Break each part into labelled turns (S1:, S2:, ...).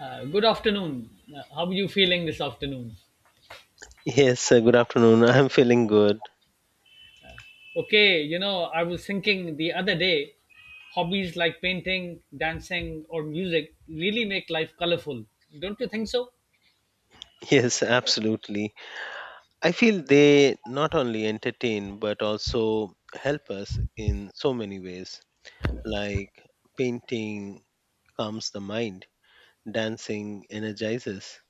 S1: Good afternoon. How are you feeling this afternoon?
S2: Yes, good afternoon. I'm feeling good.
S1: Okay, I was thinking the other day, hobbies like painting, dancing, or music really make life colorful. Don't you think so?
S2: Yes, absolutely. I feel they not only entertain but also help us in so many ways, like painting calms the mind, dancing energizes,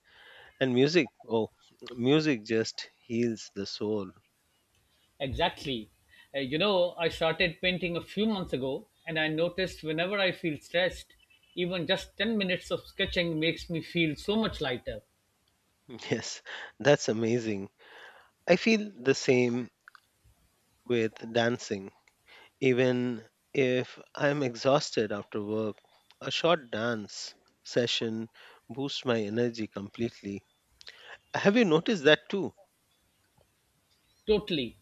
S2: and music. Oh, music just heals the soul.
S1: Exactly. I started painting a few months ago, and I noticed whenever I feel stressed, even just 10 minutes of sketching makes me feel so much lighter.
S2: Yes, that's amazing. I feel the same with dancing. Even if I'm exhausted after work, a short dance session boosts my energy completely. Have you noticed that too?
S1: Totally.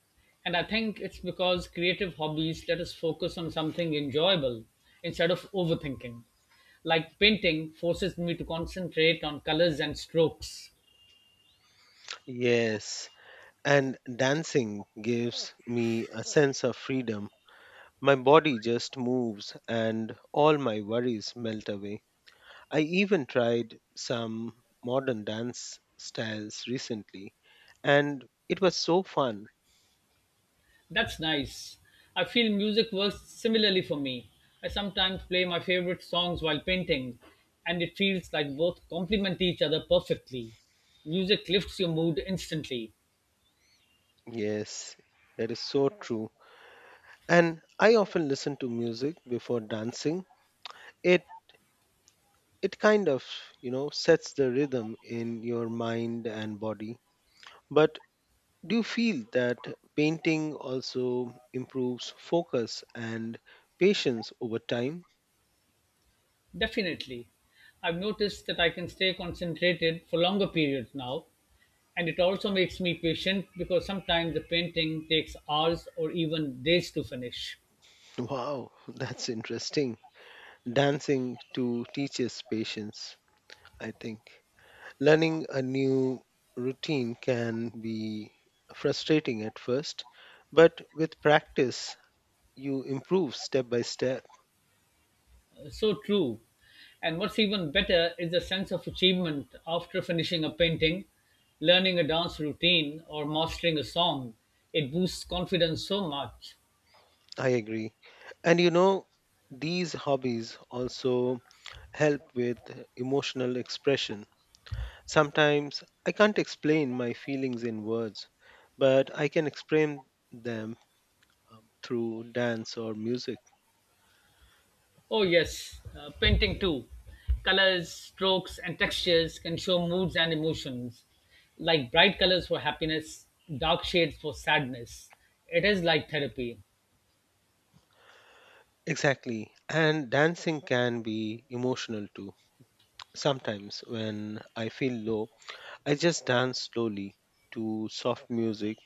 S1: And I think it's because creative hobbies let us focus on something enjoyable instead of overthinking. Like painting forces me to concentrate on colors and strokes.
S2: Yes, and dancing gives me a sense of freedom. My body just moves and all my worries melt away. I even tried some modern dance styles recently and it was so fun.
S1: That's nice. I feel music works similarly for me. I sometimes play my favorite songs while painting, and it feels like both complement each other perfectly. Music lifts your mood instantly.
S2: Yes, that is so true. And I often listen to music before dancing. It it kind of sets the rhythm in your mind and body. But do you feel that painting also improves focus and patience over time?
S1: Definitely. I've noticed that I can stay concentrated for longer periods now, and it also makes me patient because sometimes the painting takes hours or even days to finish.
S2: Wow. That's interesting. Dancing to teaches patience. I think learning a new routine can be frustrating at first, but with practice you improve step by step.
S1: So true. And what's even better is the sense of achievement after finishing a painting, learning a dance routine, or mastering a song. It boosts confidence so much.
S2: I agree. And these hobbies also help with emotional expression. Sometimes I can't explain my feelings in words, but I can explain them through dance or music.
S1: Oh, yes, painting too. Colors, strokes, and textures can show moods and emotions, like bright colors for happiness, dark shades for sadness. It is like therapy.
S2: Exactly. And dancing can be emotional too. Sometimes when I feel low, I just dance slowly to soft music,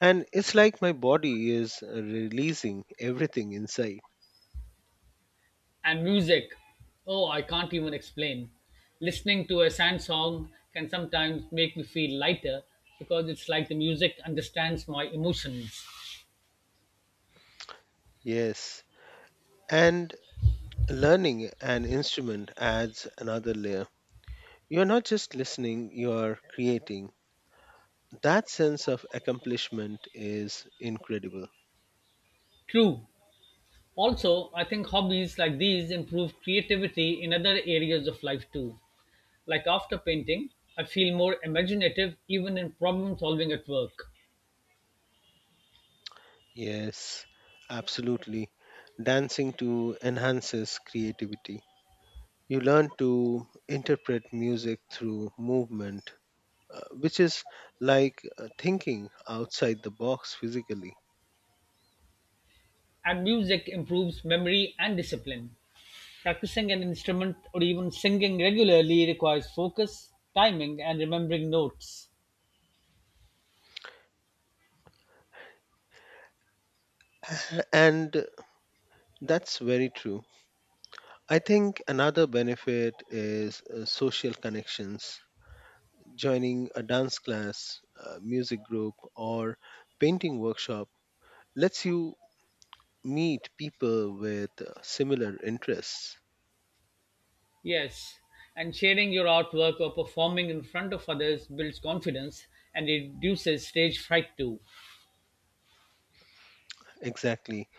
S2: and it's like my body is releasing everything inside.
S1: And music, oh, I can't even explain. Listening to a sad song can sometimes make me feel lighter because it's like the music understands my emotions.
S2: Yes. And learning an instrument adds another layer. You're not just listening, you're creating. That sense of accomplishment is incredible.
S1: True. Also, I think hobbies like these improve creativity in other areas of life too. Like after painting, I feel more imaginative even in problem solving at work.
S2: Yes, absolutely. Dancing to enhances creativity. You learn to interpret music through movement, which is like thinking outside the box physically.
S1: And music improves memory and discipline. Practicing an instrument or even singing regularly requires focus, timing, and remembering notes.
S2: And That's very true. I think another benefit is social connections. Joining a dance class, a music group, or painting workshop lets you meet people with similar interests.
S1: Yes, and sharing your artwork or performing in front of others builds confidence and reduces stage fright too.
S2: Exactly.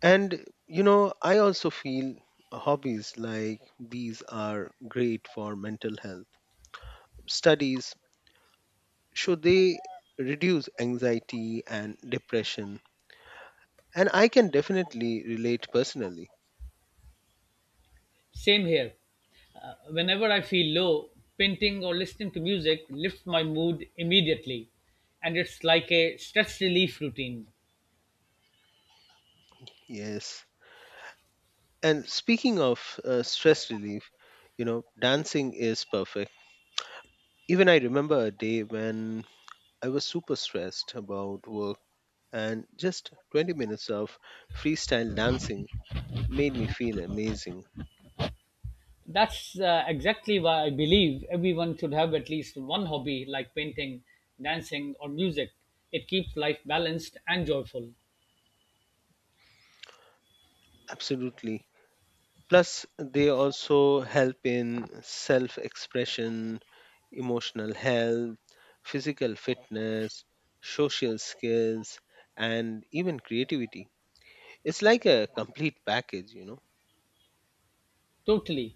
S2: And, I also feel hobbies like these are great for mental health. Studies show they reduce anxiety and depression. And I can definitely relate personally.
S1: Same here. Whenever I feel low, painting or listening to music lifts my mood immediately, and it's like a stress relief routine.
S2: Yes. And speaking of stress relief, dancing is perfect. Even I remember a day when I was super stressed about work, and just 20 minutes of freestyle dancing made me feel amazing.
S1: That's exactly why I believe everyone should have at least one hobby like painting, dancing, or music. It keeps life balanced and joyful.
S2: Absolutely. Plus, they also help in self expression, emotional health, physical fitness, social skills, and even creativity. It's like a complete package.
S1: Totally.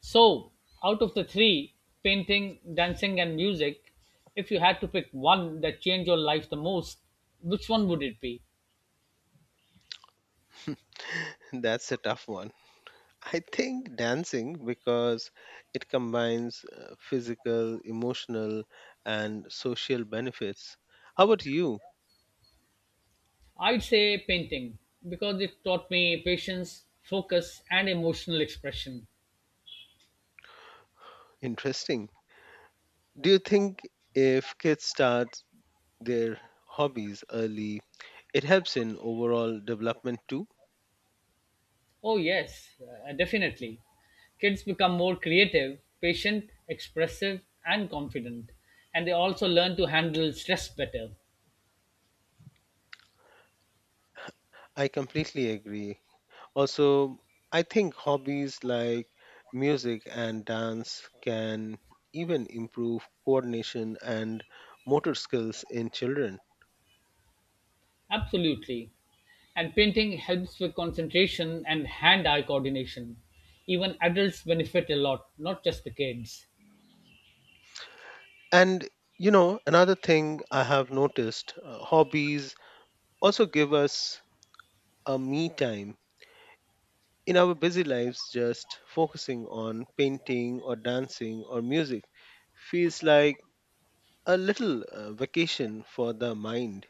S1: So, out of the three, painting, dancing, and music, if you had to pick one that changed your life the most, which one would it be?
S2: That's a tough one. I think dancing because it combines physical, emotional, and social benefits. How about you?
S1: I'd say painting because it taught me patience, focus, and emotional expression.
S2: Interesting. Do you think if kids start their hobbies early, it helps in overall development too?
S1: Oh, yes, definitely. Kids become more creative, patient, expressive, and confident, and they also learn to handle stress better.
S2: I completely agree. Also, I think hobbies like music and dance can even improve coordination and motor skills in children.
S1: Absolutely. And painting helps with concentration and hand eye coordination. Even adults benefit a lot, not just the kids.
S2: And another thing I have noticed, hobbies also give us a me time. In our busy lives, just focusing on painting or dancing or music feels like a little vacation for the mind.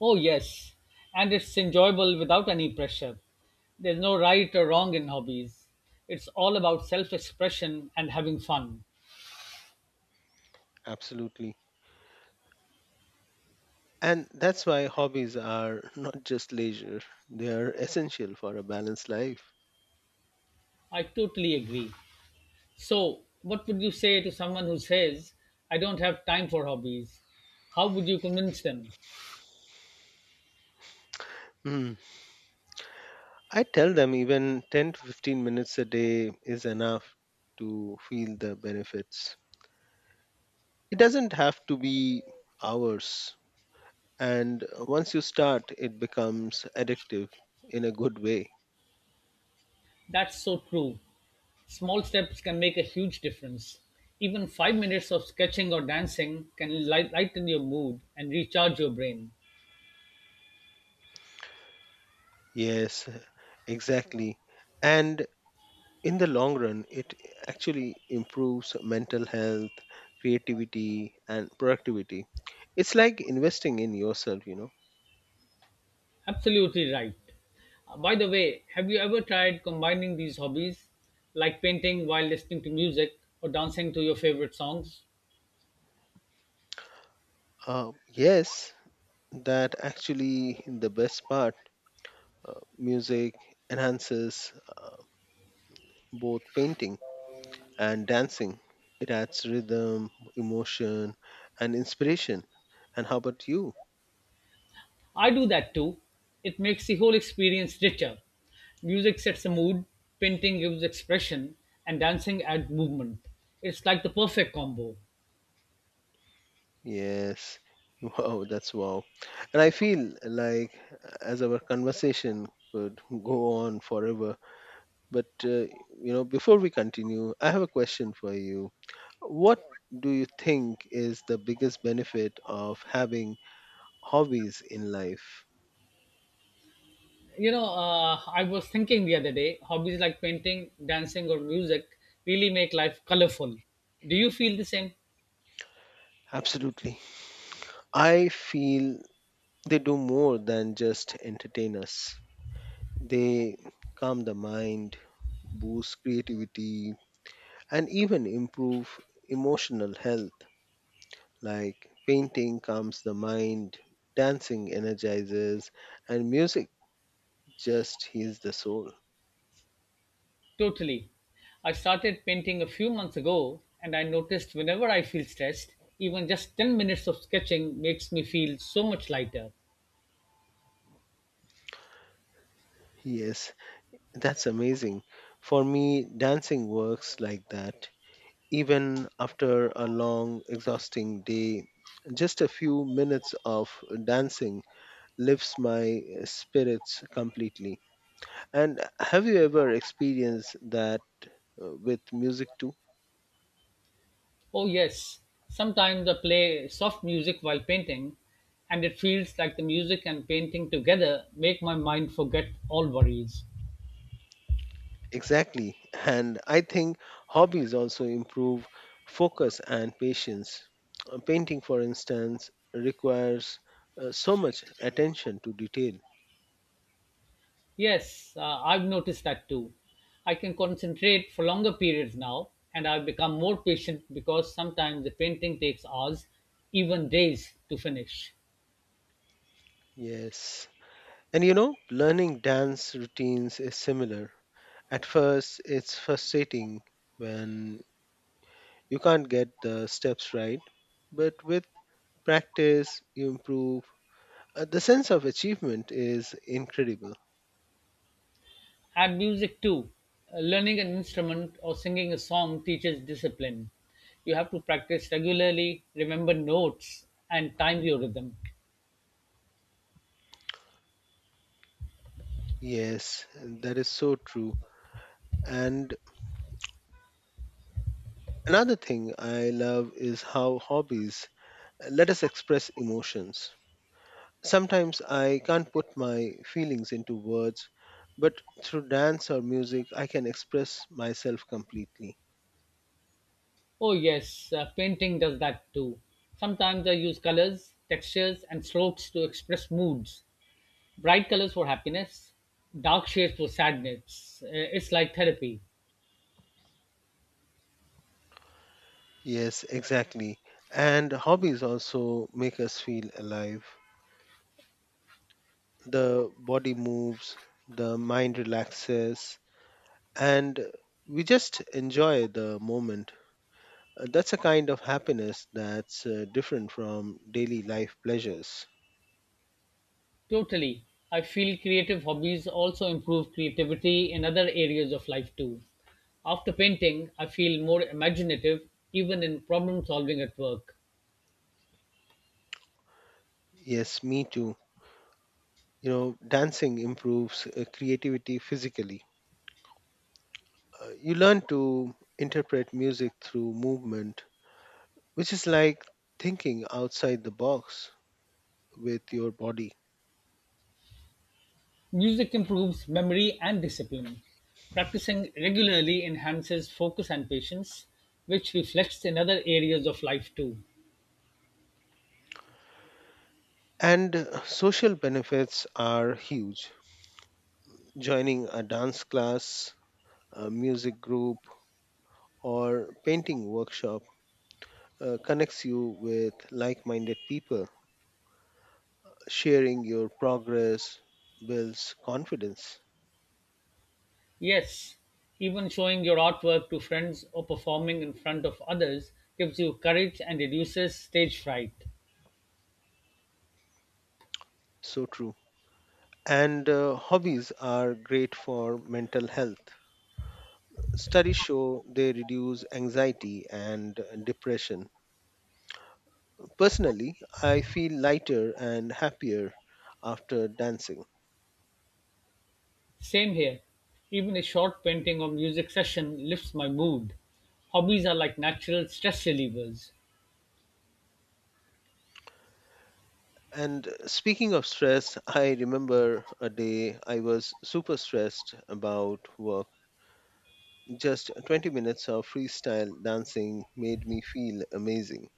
S1: Oh, yes. And it's enjoyable without any pressure. There's no right or wrong in hobbies. It's all about self expression and having fun.
S2: Absolutely. And that's why hobbies are not just leisure, they are essential for a balanced life.
S1: I totally agree. So, what would you say to someone who says, "I don't have time for hobbies"? How would you convince them?
S2: Hmm. I tell them even 10 to 15 minutes a day is enough to feel the benefits. It doesn't have to be hours. And once you start, it becomes addictive in a good way.
S1: That's so true. Small steps can make a huge difference. Even 5 minutes of sketching or dancing can lighten your mood and recharge your brain.
S2: Yes, exactly. And in the long run, it actually improves mental health, creativity, and productivity. It's like investing in yourself, you know.
S1: Absolutely right. By the way, have you ever tried combining these hobbies, like painting while listening to music or dancing to your favorite songs?
S2: Yes, that actually the best part. Music enhances both painting and dancing. It adds rhythm, emotion, and inspiration. And how about you?
S1: I do that too. It makes the whole experience richer. Music sets the mood, painting gives expression, and dancing adds movement. It's like the perfect combo.
S2: Yes. Wow. And I feel like as our conversation could go on forever, but before we continue, I have a question for you. What do you think is the biggest benefit of having hobbies in life?
S1: I was thinking the other day, hobbies like painting, dancing, or music really make life colorful. Do you feel the same?
S2: Absolutely. I feel they do more than just entertain us. They calm the mind, boost creativity, and even improve emotional health. Like painting calms the mind, dancing energizes, and music just heals the soul.
S1: Totally. I started painting a few months ago, and I noticed whenever I feel stressed, even just 10 minutes of sketching makes me feel so much lighter.
S2: Yes, that's amazing. For me, dancing works like that. Even after a long, exhausting day, just a few minutes of dancing lifts my spirits completely. And have you ever experienced that with music too?
S1: Oh, yes, sometimes I play soft music while painting, and it feels like the music and painting together make my mind forget all worries.
S2: Exactly. And I think hobbies also improve focus and patience. Painting, for instance, requires so much attention to detail.
S1: Yes, I've noticed that too. I can concentrate for longer periods now, and I've become more patient because sometimes the painting takes hours, even days, to finish.
S2: Yes. Learning dance routines is similar. At first, it's frustrating when you can't get the steps right, but with practice, you improve. The sense of achievement is incredible.
S1: Add music too. Learning an instrument or singing a song teaches discipline. You have to practice regularly, remember notes, and time your rhythm.
S2: Yes, that is so true. And Another thing I love is how hobbies let us express emotions. Sometimes I can't put my feelings into words, but through dance or music, I can express myself completely.
S1: Oh, yes, painting does that too. Sometimes I use colors, textures, and strokes to express moods. Bright colors for happiness, dark shades for sadness. It's like therapy.
S2: Yes, exactly. And hobbies also make us feel alive. The body moves, the mind relaxes, and we just enjoy the moment. That's a kind of happiness that's different from daily life pleasures.
S1: Totally. I feel creative hobbies also improve creativity in other areas of life too. After painting, I feel more imaginative even in problem solving at work.
S2: Yes, me too. Dancing improves creativity physically. You learn to interpret music through movement, which is like thinking outside the box with your body.
S1: Music improves memory and discipline. Practicing regularly enhances focus and patience, which reflects in other areas of life too.
S2: And social benefits are huge. Joining a dance class, a music group, or painting workshop connects you with like minded people. Sharing your progress builds confidence.
S1: Yes, even showing your artwork to friends or performing in front of others gives you courage and reduces stage fright.
S2: So true. And hobbies are great for mental health. Studies show they reduce anxiety and depression. Personally, I feel lighter and happier after dancing.
S1: Same here. Even a short painting or music session lifts my mood. Hobbies are like natural stress relievers.
S2: And speaking of stress, I remember a day I was super stressed about work. Just 20 minutes of freestyle dancing made me feel amazing.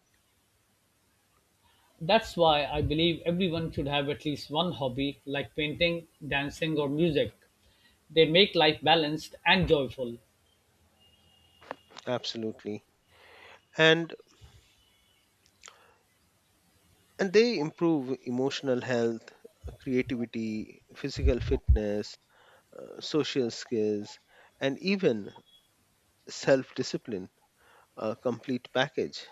S1: That's why I believe everyone should have at least one hobby like painting, dancing, or music. They make life balanced and joyful.
S2: Absolutely. And and they improve emotional health, creativity, physical fitness, social skills, and even self discipline, a complete package.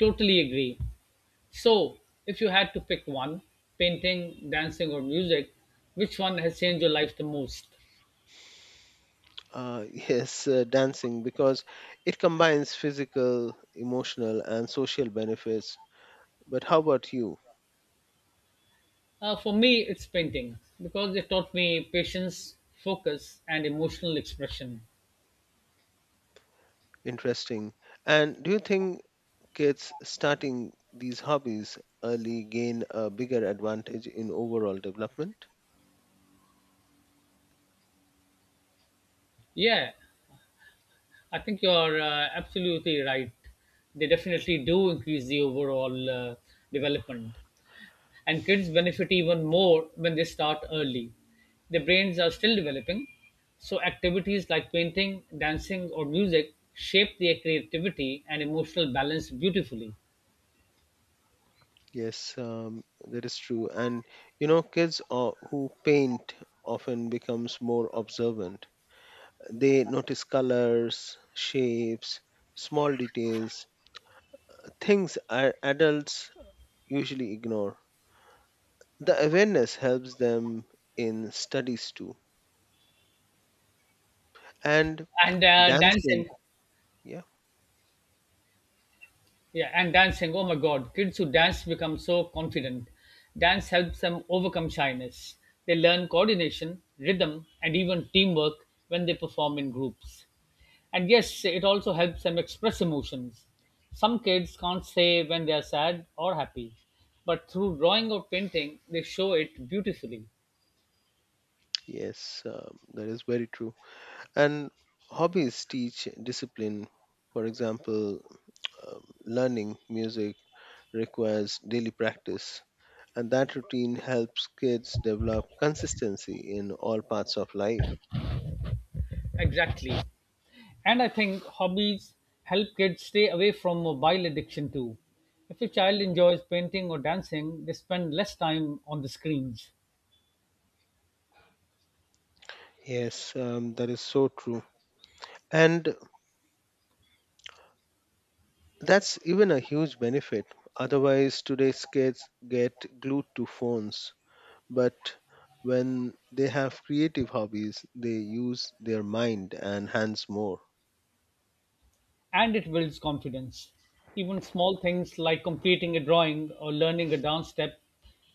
S1: Totally agree. So, if you had to pick one, painting, dancing, or music, which one has changed your life the most?
S2: Yes, dancing because it combines physical, emotional, and social benefits. But how about you?
S1: For me, it's painting because it taught me patience, focus, and emotional expression.
S2: Interesting. And do you think kids starting these hobbies early gain a bigger advantage in overall development?
S1: Yeah, I think you're absolutely right. They definitely do increase the overall development. And kids benefit even more when they start early. Their brains are still developing, so activities like painting, dancing, or music shape their creativity and emotional balance beautifully.
S2: Yes, that is true. Kids who paint often becomes more observant. They notice colors, shapes, small details, adults usually ignore. The awareness helps them in studies too. And
S1: And uh,
S2: dancing,
S1: dancing,
S2: yeah,
S1: Yeah, and dancing. Oh my God, kids who dance become so confident. Dance helps them overcome shyness. They learn coordination, rhythm, and even teamwork when they perform in groups. And yes, it also helps them express emotions. Some kids can't say when they are sad or happy, but through drawing or painting, they show it beautifully.
S2: yes, that is very true. And hobbies teach discipline. For example, learning music requires daily practice, and that routine helps kids develop consistency in all parts of life.
S1: Exactly. And I think hobbies help kids stay away from mobile addiction too. If a child enjoys painting or dancing, they spend less time on the screens
S2: Yes, that is so true. And that's even a huge benefit. Otherwise, today's kids get glued to phones. But when they have creative hobbies, they use their mind and hands more.
S1: and it builds confidence. Even small things like completing a drawing or learning a dance step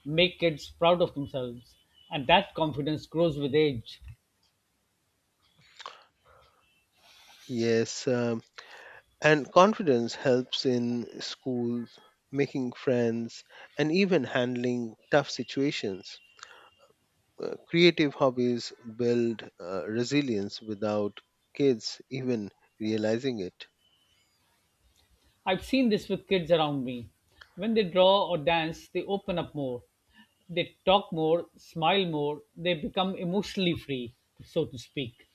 S1: make kids proud of themselves, and that confidence grows with age.
S2: Yes, and confidence helps in schools, making friends, and even handling tough situations. Creative hobbies build resilience without kids even realizing it.
S1: I've seen this with kids around me. When they draw or dance, they open up more. They talk more, smile more, they become emotionally free, so to speak.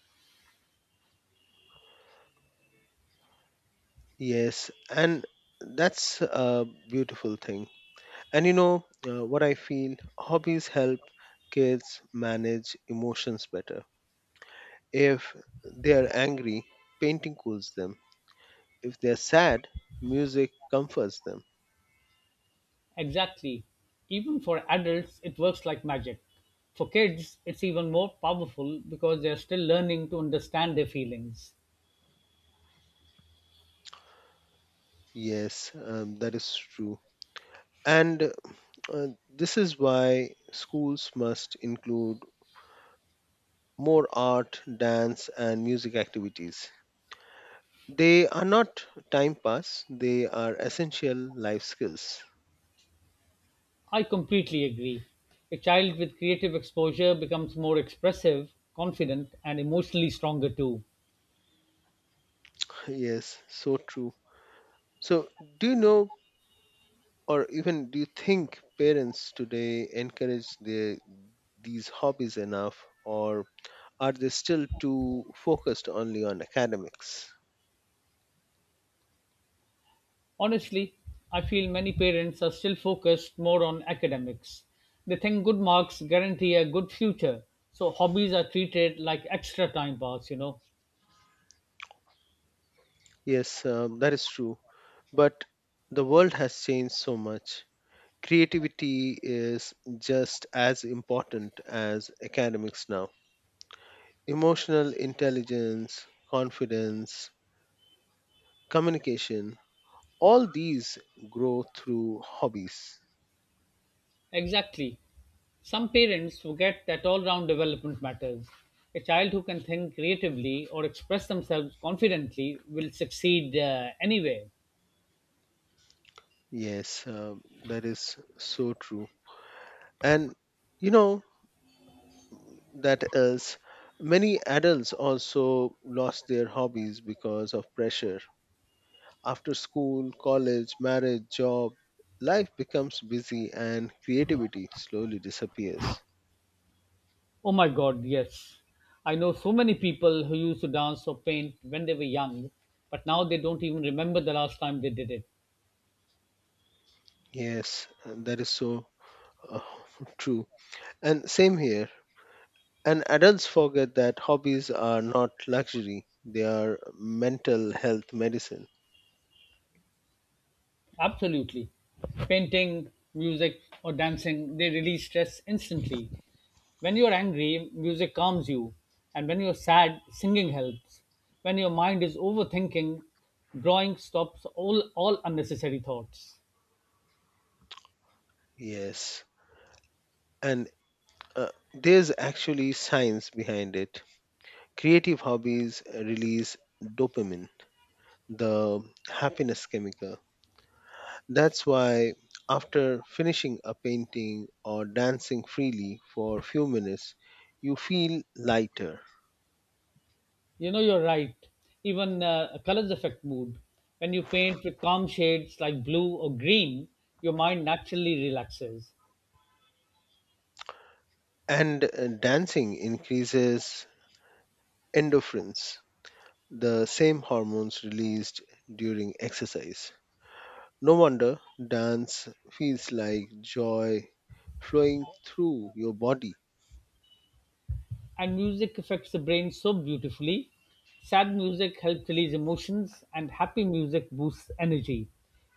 S2: Yes, and that's a beautiful thing. And you know what I feel? Hobbies help kids manage emotions better. If they are angry, painting cools them. If they are sad, music comforts them.
S1: Exactly. Even for adults, it works like magic. For kids, it's even more powerful because they're still learning to understand their feelings.
S2: Yes, that is true. And uh, this is why schools must include more art, dance, and music activities. They are not time pass, they are essential life skills.
S1: I completely agree. A child with creative exposure becomes more expressive, confident, and emotionally stronger too.
S2: Yes, so true. So, do you know, or even do you think parents today encourage their, these hobbies enough, or are they still too focused only on academics?
S1: Honestly, I feel many parents are still focused more on academics. They think good marks guarantee a good future, so hobbies are treated like extra time pass,
S2: Yes, that is true. But the world has changed so much. Creativity is just as important as academics now. Emotional intelligence, confidence, communication, all these grow through hobbies.
S1: Exactly. Some parents forget that all round development matters. A child who can think creatively or express themselves confidently will succeed anywhere.
S2: Yes, that is so true. And you know that that is many adults also lost their hobbies because of pressure. After school, college, marriage, job, life becomes busy and creativity slowly disappears.
S1: Oh my God, yes. I know so many people who used to dance or paint when they were young, but now they don't even remember the last time they did it.
S2: Yes, and that is so uh, true. And same here. And adults forget that hobbies are not luxury, they are mental health medicine.
S1: Absolutely. Painting, music, or dancing, they release stress instantly. When you're angry, music calms you. And when you're sad, singing helps. When your mind is overthinking, drawing stops all unnecessary thoughts.
S2: Yes. And uh, there's actually science behind it. Creative hobbies release dopamine, the happiness chemical. That's why, after finishing a painting or dancing freely for a few minutes, you feel lighter.
S1: You know, you're right. Even colors affect mood. When you paint with calm shades like blue or green, your mind naturally relaxes.
S2: And dancing increases endorphins, the same hormones released during exercise. No wonder dance feels like joy flowing through your body.
S1: And music affects the brain so beautifully. Sad music helps release emotions, and happy music boosts energy.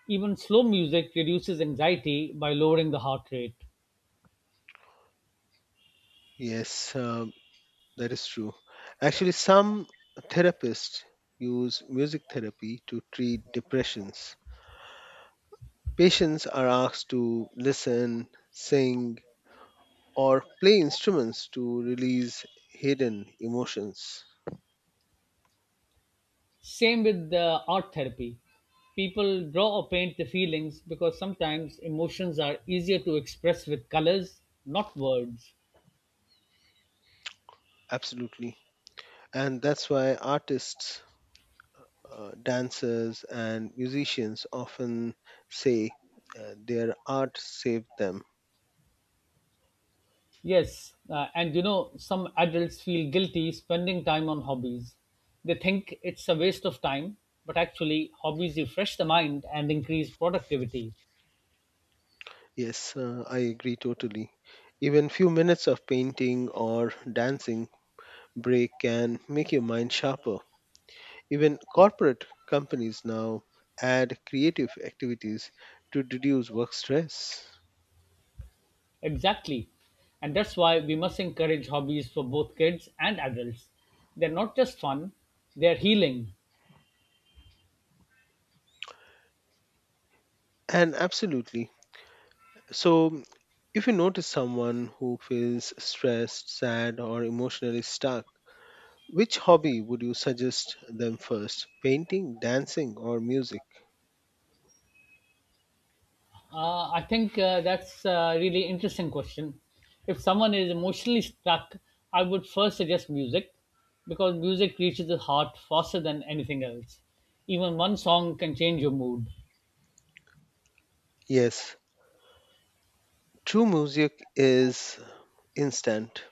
S1: Even slow music reduces anxiety by lowering the heart rate.
S2: Yes, that is true. Actually, some therapists use music therapy to treat depressions. Patients are asked to listen, sing, or play instruments to release hidden emotions.
S1: Same with the art therapy. People draw or paint their feelings because sometimes emotions are easier to express with colors, not words.
S2: Absolutely. And that's why artists, dancers, and musicians often say their art saved them.
S1: Yes, and some adults feel guilty spending time on hobbies. They think it's a waste of time, but actually, hobbies refresh the mind and increase productivity.
S2: Yes, I agree totally. Even few minutes of painting or dancing break can make your mind sharper. Even corporate companies now add creative activities to reduce work stress.
S1: Exactly. And that's why we must encourage hobbies for both kids and adults. They're not just fun, they're healing.
S2: And Absolutely. So, if you notice someone who feels stressed, sad, or emotionally stuck, which hobby would you suggest them first? Painting, dancing, or music?
S1: I think that's a really interesting question. If someone is emotionally stuck, I would first suggest music because music reaches the heart faster than anything else. Even one song can change your mood.
S2: Yes, true. Music is instant.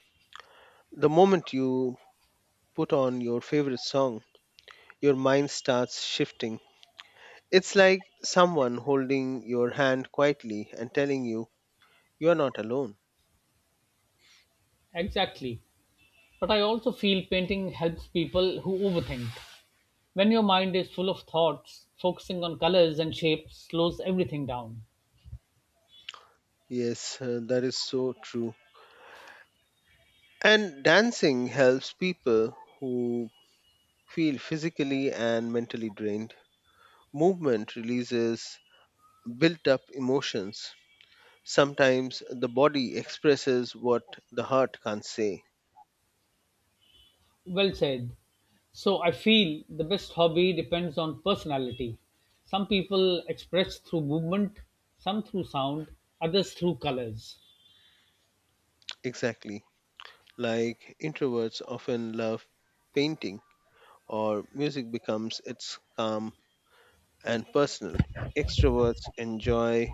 S2: The moment you put on your favorite song, your mind starts shifting. It's like someone holding your hand quietly and telling you you're not alone.
S1: Exactly. But I also feel painting helps people who overthink. When your mind is full of thoughts, focusing on colors and shapes slows everything down.
S2: Yes, that is so true. And dancing helps people who feel physically and mentally drained. Movement releases built up emotions. Sometimes the body expresses what the heart can't say.
S1: Well said. So I feel the best hobby depends on personality. Some people express through movement, some through sound, others through colors.
S2: Exactly. Like introverts often love painting, or music becomes its calm and personal. Extroverts enjoy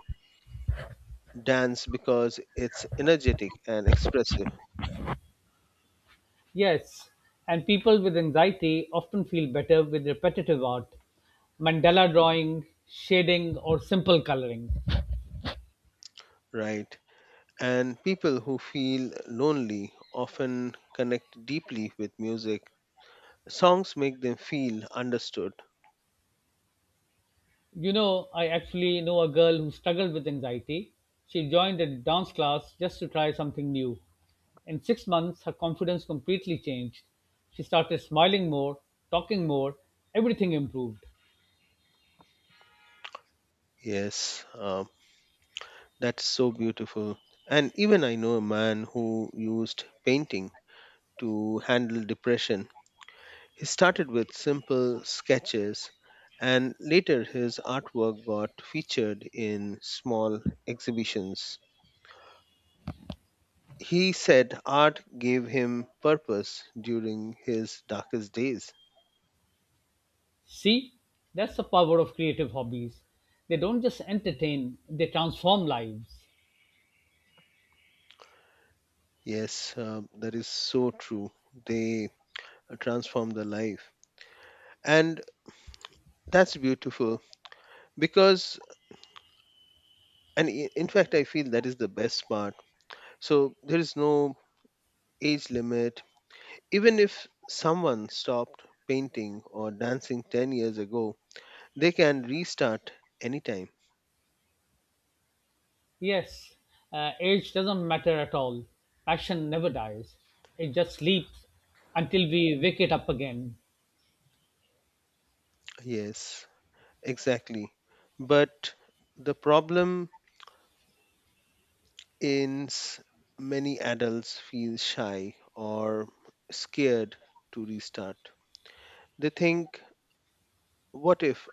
S2: dance because it's energetic and expressive,
S1: Yes, and people with anxiety often feel better with repetitive art, mandala drawing, shading, or simple coloring.
S2: right? And people who feel lonely often connect deeply with music. Songs make them feel understood.
S1: You know, I actually know a girl who struggled with anxiety. She joined a dance class just to try something new. In 6 months, her confidence completely changed. She started smiling more, talking more, everything improved.
S2: Yes, that's so beautiful. And even I know a man who used painting to handle depression. He started with simple sketches, and later his artwork got featured in small exhibitions. He said art gave him purpose during his darkest days.
S1: See, that's the power of creative hobbies. They don't just entertain, they transform lives.
S2: Yes, that is so true. They transform the life. And that's beautiful because, in fact, I feel that is the best part. So there is no age limit. Even if someone stopped painting or dancing 10 years ago, they can restart anytime.
S1: Yes, age doesn't matter at all. Passion never dies, it just sleeps until we wake it up again.
S2: Yes, exactly. But the problem is many adults feel shy or scared to restart. They think, what if,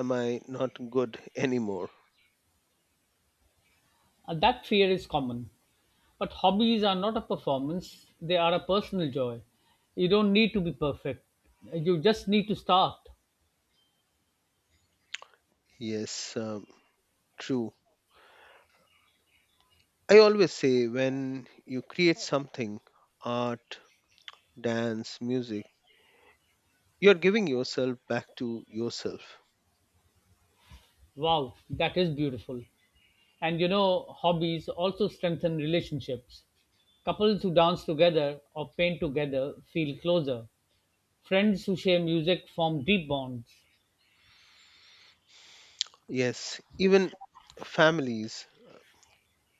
S2: am I not good anymore?
S1: That fear is common. But hobbies are not a performance, they are a personal joy. You don't need to be perfect. You just need to start.
S2: Yes, true. I always say when you create something, art, dance, music, you're giving yourself back to yourself.
S1: Wow, that is beautiful. And you know, hobbies also strengthen relationships. Couples who dance together or paint together feel closer. Friends who share music form deep bonds.
S2: Yes, even families,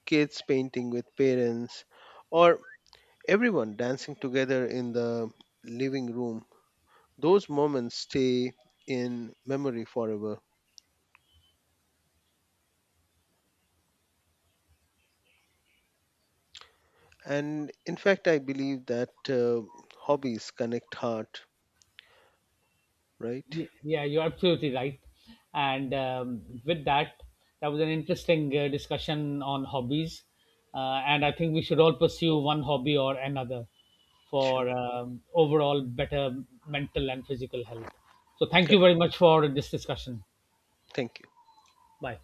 S2: kids painting with parents, or everyone dancing together in the living room, those moments stay in memory forever. And in fact, I believe that hobbies connect heart, right?
S1: Yeah, you're absolutely right. And with that, that was an interesting discussion on hobbies. And I think we should all pursue one hobby or another for
S2: Sure.
S1: overall better mental and physical health. So, thank you very
S2: Correct.
S1: much for this discussion.
S2: Thank you.
S1: Bye.